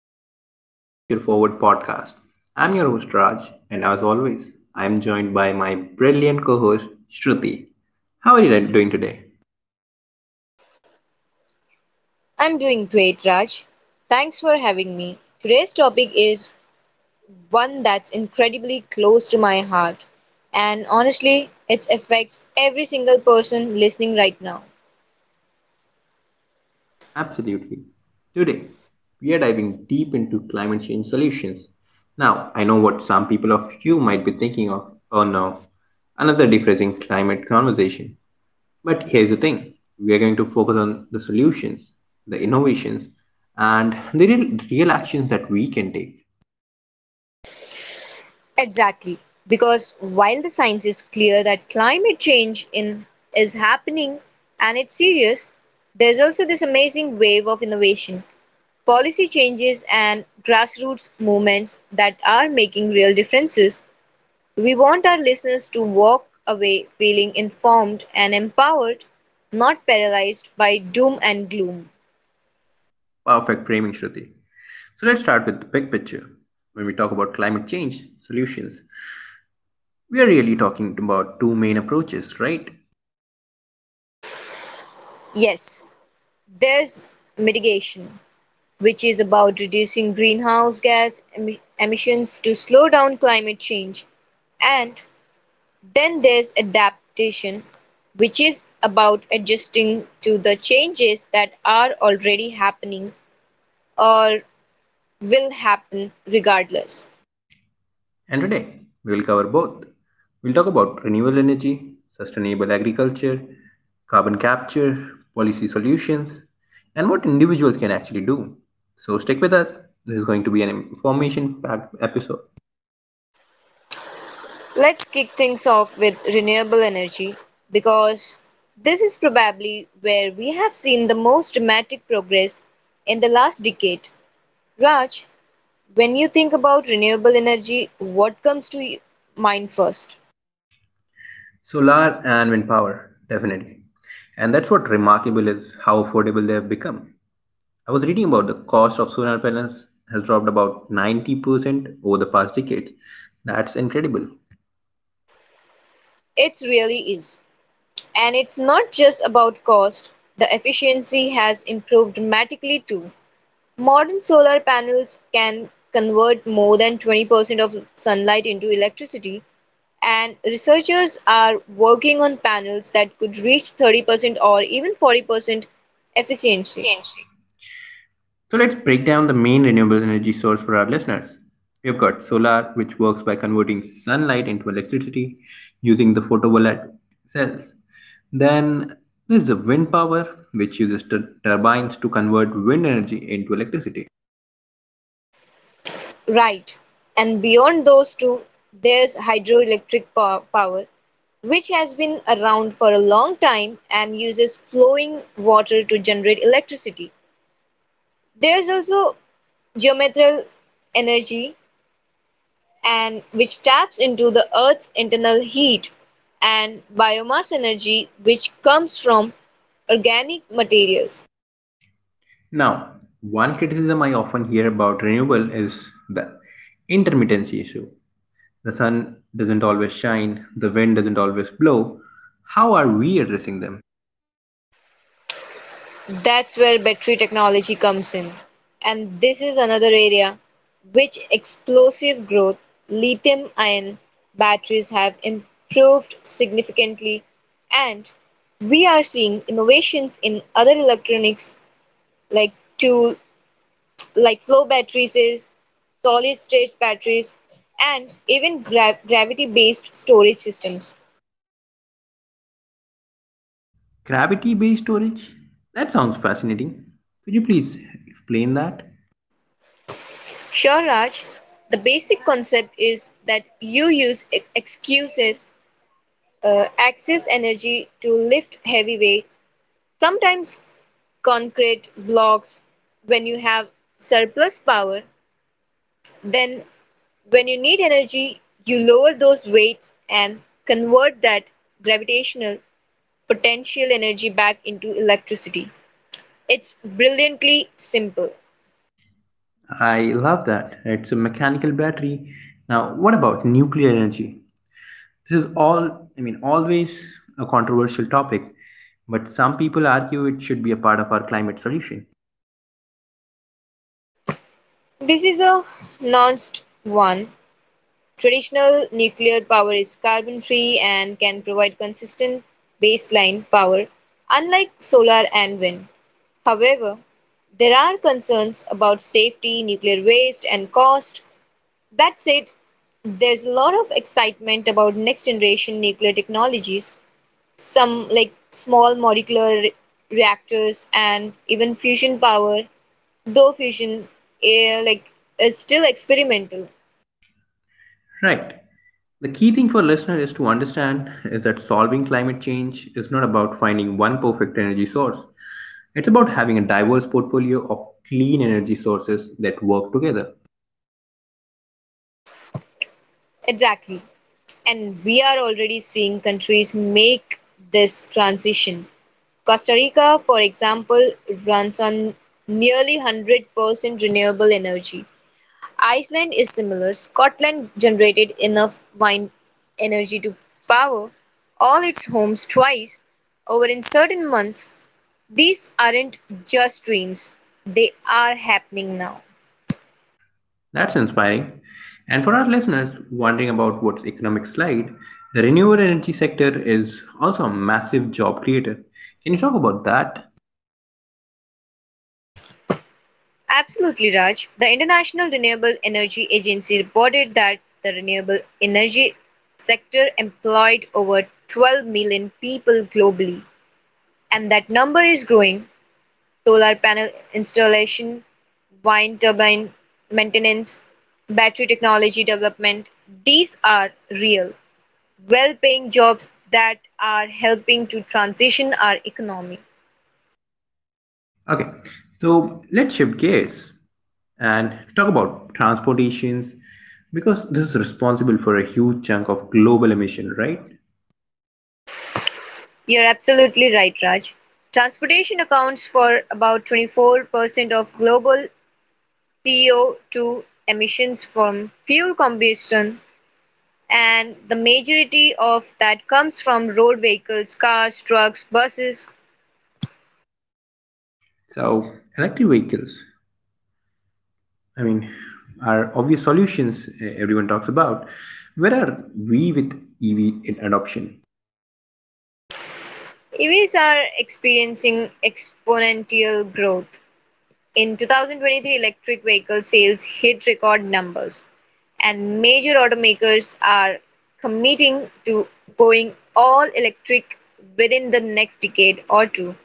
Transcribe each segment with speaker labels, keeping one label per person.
Speaker 1: welcome back to the Future Forward podcast. I'm your host, Raj, and as always, I'm joined by my brilliant co host, Shruti. How are you doing today?
Speaker 2: I'm doing great, Raj. Thanks for having me. Today's topic is one that's incredibly close to my heart. And honestly, it affects every single person listening right now.
Speaker 1: Absolutely. Today, we are diving deep into climate change solutions. Now, I know what some people of you might be thinking of oh no, another depressing climate conversation. But here's the thing we are going to focus on the solutions, the innovations, and the real, real actions that we can take.
Speaker 2: Exactly. Because while the science is clear that is happening and it's serious, there's also this amazing wave of innovation, policy changes, and grassroots movements that are making real differences. We want our listeners to walk away feeling informed and empowered, not paralyzed by doom and gloom.
Speaker 1: Perfect framing, Shruti. So let's start with the big picture. When we talk about climate change solutions, we are really talking about two main approaches, right?
Speaker 2: Yes, there's mitigation, which is about reducing greenhouse emissions to slow down climate change. And then there's adaptation, which is about adjusting to the changes that are already happening or will happen regardless.
Speaker 1: And today, we will cover both. We'll talk about renewable energy, sustainable agriculture, carbon capture, policy solutions, and what individuals can actually do. So stick with us. This is going to be an information packed episode.
Speaker 2: Let's kick things off with renewable energy because this is probably where we have seen the most dramatic progress in the last decade. Raj, when you think about renewable energy, what mind first?
Speaker 1: Solar and wind power, definitely. And that's what remarkable is how affordable they have become. I was reading about the cost of solar panels has dropped about 90% over the past decade. That's incredible.
Speaker 2: It really is. And it's not just about cost, the efficiency has improved dramatically too. Modern solar panels can convert more than 20% of sunlight into electricity, and researchers are working on panels that could reach 30% or even 40% efficiency.
Speaker 1: So let's break down the main renewable energy source for our listeners. We have got solar, which works by converting sunlight into electricity using the photovoltaic cells. Then there's the wind power, which uses turbines to convert wind energy into electricity.
Speaker 2: Right. And beyond those two, there's power, which has been around for a long time and uses flowing water to generate electricity. There's also geothermal energy, and which taps into the Earth's internal heat, and biomass energy, which comes from organic materials.
Speaker 1: Now, one criticism I often hear about renewable is the intermittency issue. The sun doesn't always shine, the wind doesn't always blow. How are we addressing them?
Speaker 2: That's where battery technology comes in. And this is another area which explosive growth, lithium ion batteries have improved significantly, and we are seeing innovations in other electronics like tool like flow batteries, solid state batteries, and even gravity based storage systems.
Speaker 1: Gravity based storage? That sounds fascinating. Could you please explain that?
Speaker 2: Sure, Raj, the basic concept is that you excess energy to lift heavy weights, sometimes concrete blocks when you have surplus power. Then, when you need energy, you lower those weights and convert that gravitational potential energy back into electricity. It's brilliantly simple.
Speaker 1: I love that. It's a mechanical battery. Now, what about nuclear energy? This is all, I mean, always a controversial topic, but some people argue it should be a part of our climate solution.
Speaker 2: This is a nuanced one. Traditional nuclear power is carbon free and can provide consistent baseline power, unlike solar and wind. However, there are concerns about safety, nuclear waste, and cost. That said, there's a lot of excitement about next generation nuclear technologies. Some, like small reactors and even fusion power, though fusion eh, like is still experimental.
Speaker 1: Right. The key thing for listener is to understand is that solving climate change is not about finding one perfect energy source. It's about having a diverse portfolio of clean energy sources that work together.
Speaker 2: Exactly. And we are already seeing countries make this transition. Costa Rica, for example, runs on nearly 100% renewable energy. Iceland is similar. Scotland generated enough wind energy to power all its homes twice over in certain months. These aren't just dreams, they are happening now.
Speaker 1: That's inspiring. And for our listeners wondering about what's economic slide, the renewable energy sector is also a massive job creator. Can you talk about that?
Speaker 2: Absolutely, Raj. The International Renewable Energy Agency reported that the renewable energy sector employed over 12 million people globally, and that number is growing. Solar panel installation, wind turbine maintenance, battery technology development. These are real, well paying jobs that are helping to transition our economy.
Speaker 1: Okay, so let's shift gears and talk about transportations because this is responsible for a huge chunk of global emission, right?
Speaker 2: You're absolutely right, Raj. Transportation accounts for about 24% of global CO2 emissions from fuel combustion, and the majority of that comes from road vehicles, cars, trucks, buses.
Speaker 1: So, electric vehicles, I mean, are obvious solutions eh, everyone talks about. Where are we with EV in adoption?
Speaker 2: EVs are experiencing exponential growth. In 2023, electric vehicle sales hit record numbers, and major automakers are committing to going all electric within the next decade or two.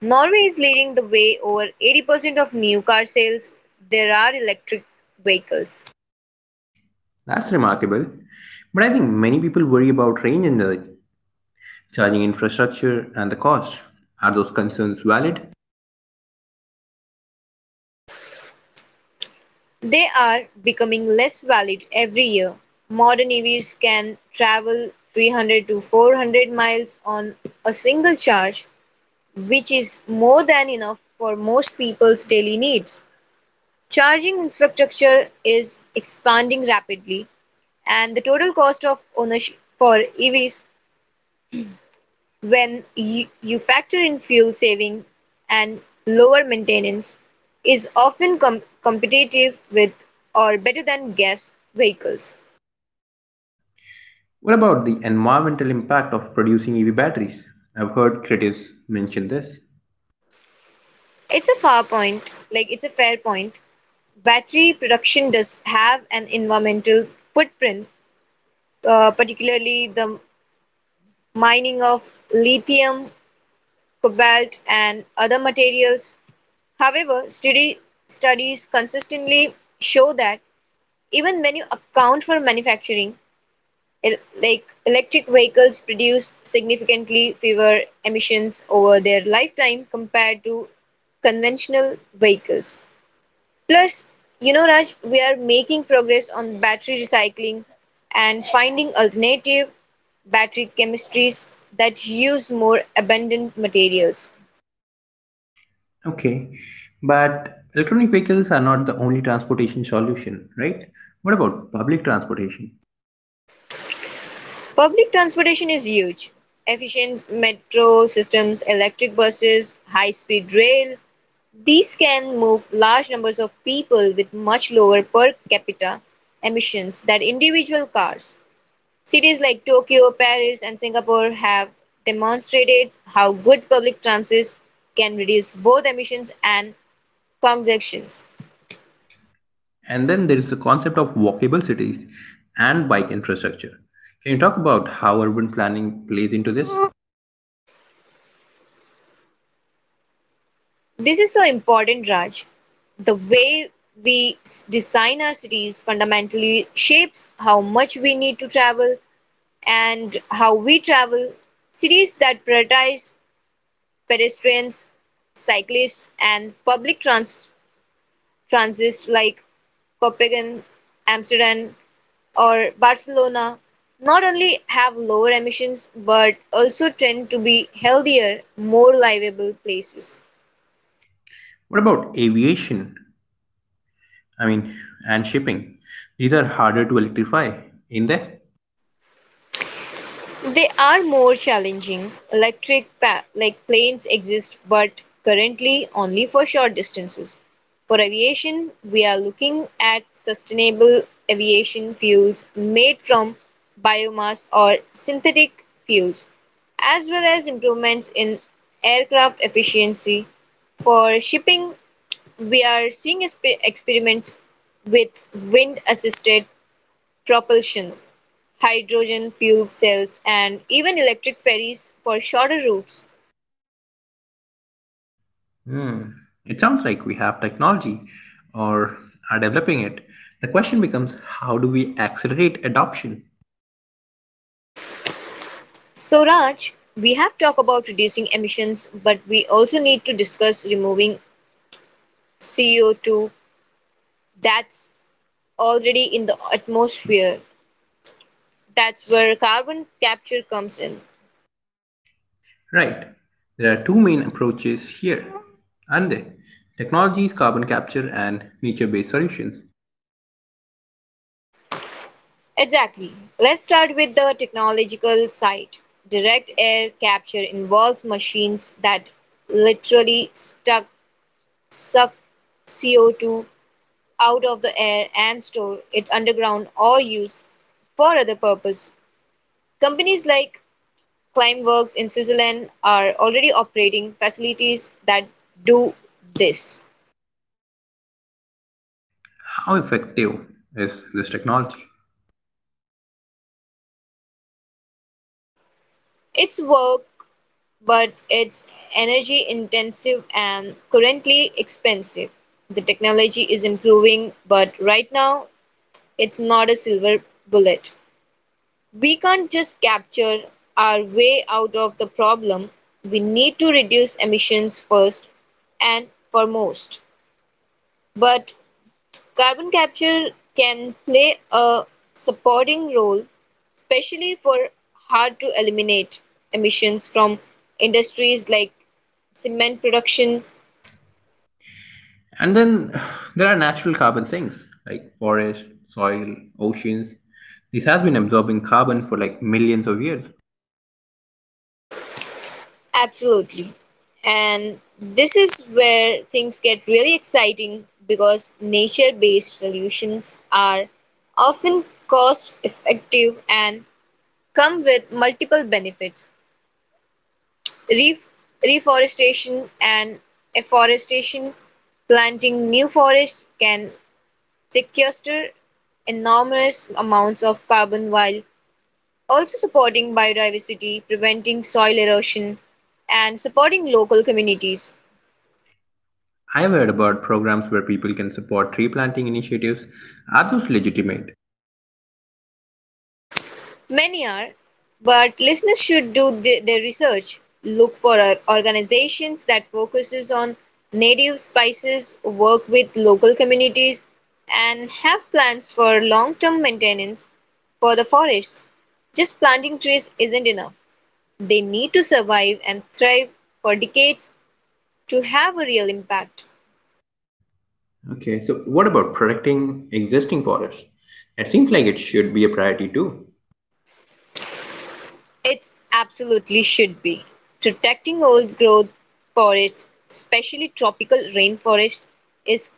Speaker 2: Norway is leading the way, over 80% of new car sales there are electric vehicles.
Speaker 1: That's remarkable, but I think many people worry about range and the charging infrastructure, and the cost. Are those concerns valid?
Speaker 2: They are becoming less valid every year. Modern EVs can travel 300 to 400 miles on a single charge, which is more than enough for most people's daily needs. Charging infrastructure is expanding rapidly, and the total cost of ownership for EVs, when you factor in fuel saving and lower maintenance, is often competitive with or better than gas vehicles.
Speaker 1: What about the environmental impact of producing EV batteries? I've heard critics mention this.
Speaker 2: It's a fair point. Battery production does have an environmental footprint, particularly the mining of lithium, cobalt, and other materials. However, studies consistently show that even when you account for manufacturing, el- Like electric vehicles produce significantly fewer emissions over their lifetime compared to conventional vehicles. Plus, you know, Raj, we are making progress on battery recycling and finding alternative battery chemistries that use more abundant materials.
Speaker 1: Okay, but electronic vehicles are not the only transportation solution, right? What about public transportation?
Speaker 2: Public transportation is huge. Efficient metro systems, electric buses, high speed rail, these can move large numbers of people with much lower per capita emissions than individual cars. Cities like Tokyo, Paris, and Singapore have demonstrated how good public transit can reduce both emissions and congestions.
Speaker 1: And then there is the concept of walkable cities and bike infrastructure. Can you talk about how urban planning plays into this?
Speaker 2: This is so important, Raj. The way design our cities fundamentally shapes how much we need to travel and how we travel. Cities that prioritize pedestrians, cyclists and public transit like Copenhagen, Amsterdam or Barcelona not only have lower emissions but also tend to be healthier, more livable places.
Speaker 1: What about aviation? I mean, and shipping? These are harder to electrify, in there?
Speaker 2: They are more challenging. Electric pa- like Planes exist but currently only for short distances. For aviation, we are looking at sustainable aviation fuels made from biomass or synthetic fuels, as well as improvements in aircraft efficiency. For shipping, we are seeing experiments with wind assisted propulsion, hydrogen fuel cells, and even electric ferries for shorter routes.
Speaker 1: Hmm. It sounds like we have technology or are developing it. The question becomes how do we accelerate adoption?
Speaker 2: So, Raj, we have talked about reducing emissions, but we also need to discuss removing CO2 that's already in the atmosphere. That's where carbon capture comes in.
Speaker 1: Right. There are two main approaches here. And technologies, carbon capture, and nature based solutions.
Speaker 2: Exactly. Let's start with the technological side. Direct air capture involves machines that literally stuck, suck CO2 out of the air and store it underground or use for other purpose. Companies like Climeworks in Switzerland are already operating facilities that do this.
Speaker 1: How effective is this technology?
Speaker 2: It's work, but it's energy intensive and currently expensive. The technology is improving, but right now it's not a silver bullet. We can't just capture our way out of the problem. We need to reduce emissions first and foremost. But carbon capture can play a supporting role, especially for hard to eliminate emissions from industries like cement production.
Speaker 1: And then there are natural carbon sinks like forest, soil, oceans. This has been absorbing carbon for like millions of years.
Speaker 2: Absolutely. And this is where things get really exciting because nature based solutions are often cost effective and come with multiple benefits. Ref- Reforestation and afforestation, planting new forests can sequester enormous amounts of carbon while also supporting biodiversity, preventing soil erosion, and supporting local communities.
Speaker 1: I have heard about programs where people can support tree planting initiatives. Are those legitimate?
Speaker 2: Many are, but listeners should do their research. Look for organizations that focuses on native spices, work with local communities, and have plans for long-term maintenance for the forest. Just planting trees isn't enough. They need to survive and thrive for decades to have a real impact.
Speaker 1: Okay, so what about protecting existing forests? It seems like it should be a priority too.
Speaker 2: It's absolutely should be. Protecting old growth forests, especially tropical rainforest, is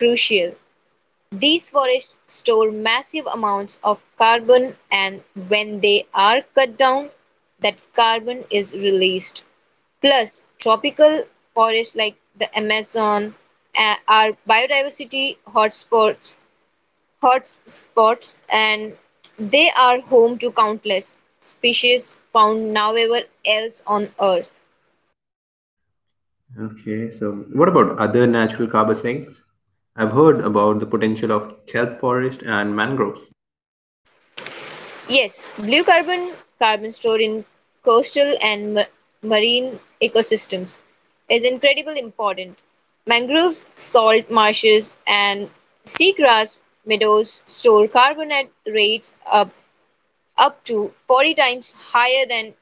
Speaker 2: crucial. These forests store massive amounts of carbon and when they are cut down, that carbon is released. Plus, tropical forests like the Amazon, are biodiversity hotspots, and they are home to countless species found nowhere else on Earth.
Speaker 1: Okay, so what about other natural carbon sinks? I've heard about the potential of kelp forest and mangroves
Speaker 2: Yes, blue carbon, carbon stored in coastal and marine ecosystems is incredibly important. Mangroves, salt marshes, and seagrass meadows store carbon at rates up to 40 times higher than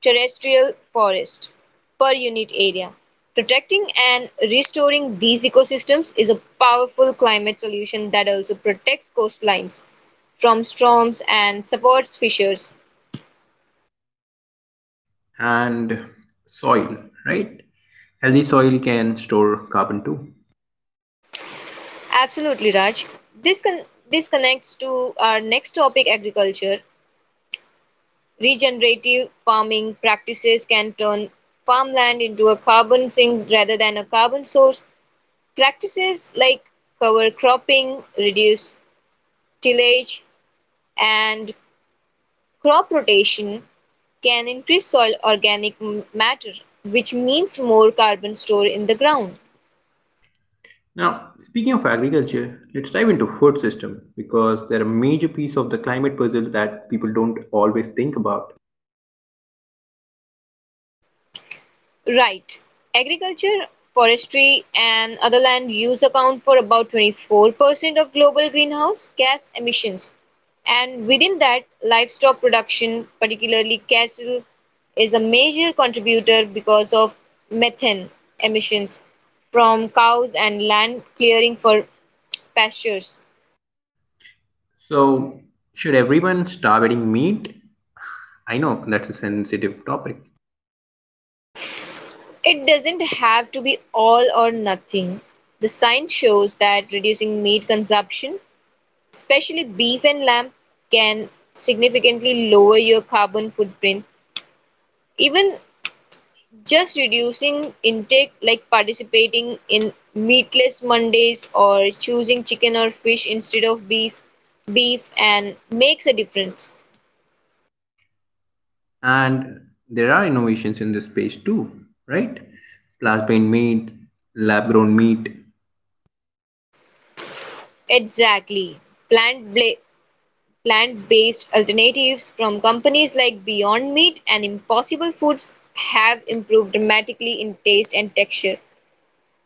Speaker 2: terrestrial forest per unit area. Protecting and restoring these ecosystems is a powerful climate solution that also protects coastlines from storms and supports fishers.
Speaker 1: and soil, right? Healthy soil can store carbon too.
Speaker 2: Absolutely, Raj. This con- this connects to our next topic, agriculture. Regenerative farming practices can turn farmland into a carbon sink rather than a carbon source. Practices like cover cropping, reduced tillage, and crop rotation can increase soil organic matter, which means more carbon stored in the ground.
Speaker 1: Now, speaking of agriculture, let's dive into food system because they're a major piece of the climate puzzle that people don't always think about.
Speaker 2: Right. Agriculture, forestry, and other land use account for about 24% of global greenhouse gas emissions. And within that, livestock production, particularly cattle, is a major contributor because of methane emissions from cows and land clearing for pastures.
Speaker 1: So, should everyone stop eating meat? I know that's a sensitive topic.
Speaker 2: It doesn't have to be all or nothing. The science shows that reducing meat consumption, especially beef and lamb, can significantly lower your carbon footprint, even just reducing intake like participating in meatless mondays or choosing chicken or fish instead of beef and makes a difference.
Speaker 1: And there are innovations in this space too, right? Plant-based meat, lab-grown meat,
Speaker 2: Exactly, plant bla- plant-based alternatives from companies like beyond meat and impossible foods have improved dramatically in taste and texture.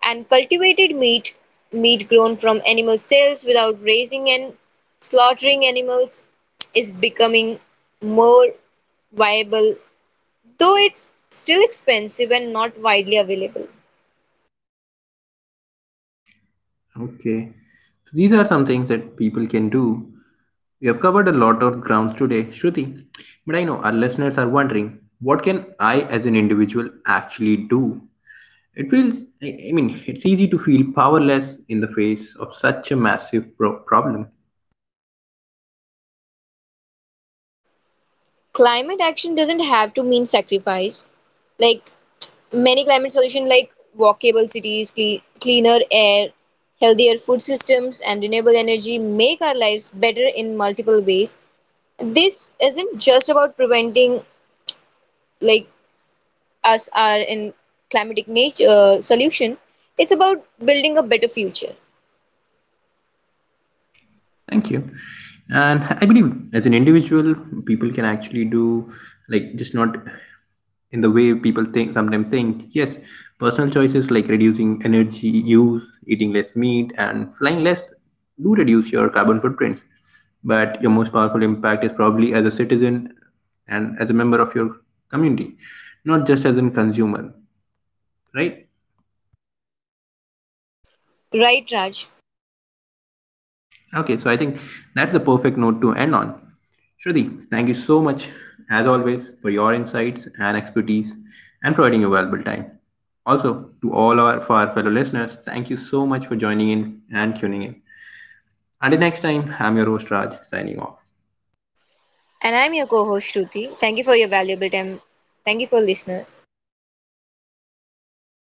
Speaker 2: And cultivated meat, meat grown from animal cells without raising and slaughtering animals, is becoming more viable, though it's still expensive and not widely available.
Speaker 1: Okay. So these are some things that people can do. We have covered a lot of grounds today, Shruti. But I know our listeners are wondering what can I as an individual actually do? It feels, I mean, it's easy to feel powerless in the face of such a massive problem.
Speaker 2: Climate action doesn't have to mean sacrifice. Like many climate solutions, like walkable cities, cleaner air, healthier food systems, and renewable energy, make our lives better in multiple ways. This isn't just about preventing, like, us are in climatic nature solution. It's about building a better future.
Speaker 1: Thank you. And I believe as an individual, people can actually do like just not in the way people think sometimes think. Yes, personal choices like reducing energy use, eating less meat, and flying less do reduce your carbon footprints. But your most powerful impact is probably as a citizen and as a member of your community, not just as a consumer, right?
Speaker 2: Right, Raj?
Speaker 1: Okay, so I think that's the perfect note to end on. Shruti, thank you so much, as always, for your insights and expertise and providing your valuable time. Also, to all our, for our fellow listeners, thank you so much for joining in and tuning in. Until next time, I'm your host Raj, signing off.
Speaker 2: And I'm your co-host Shruti. Thank you for your valuable time. Thank you for listener.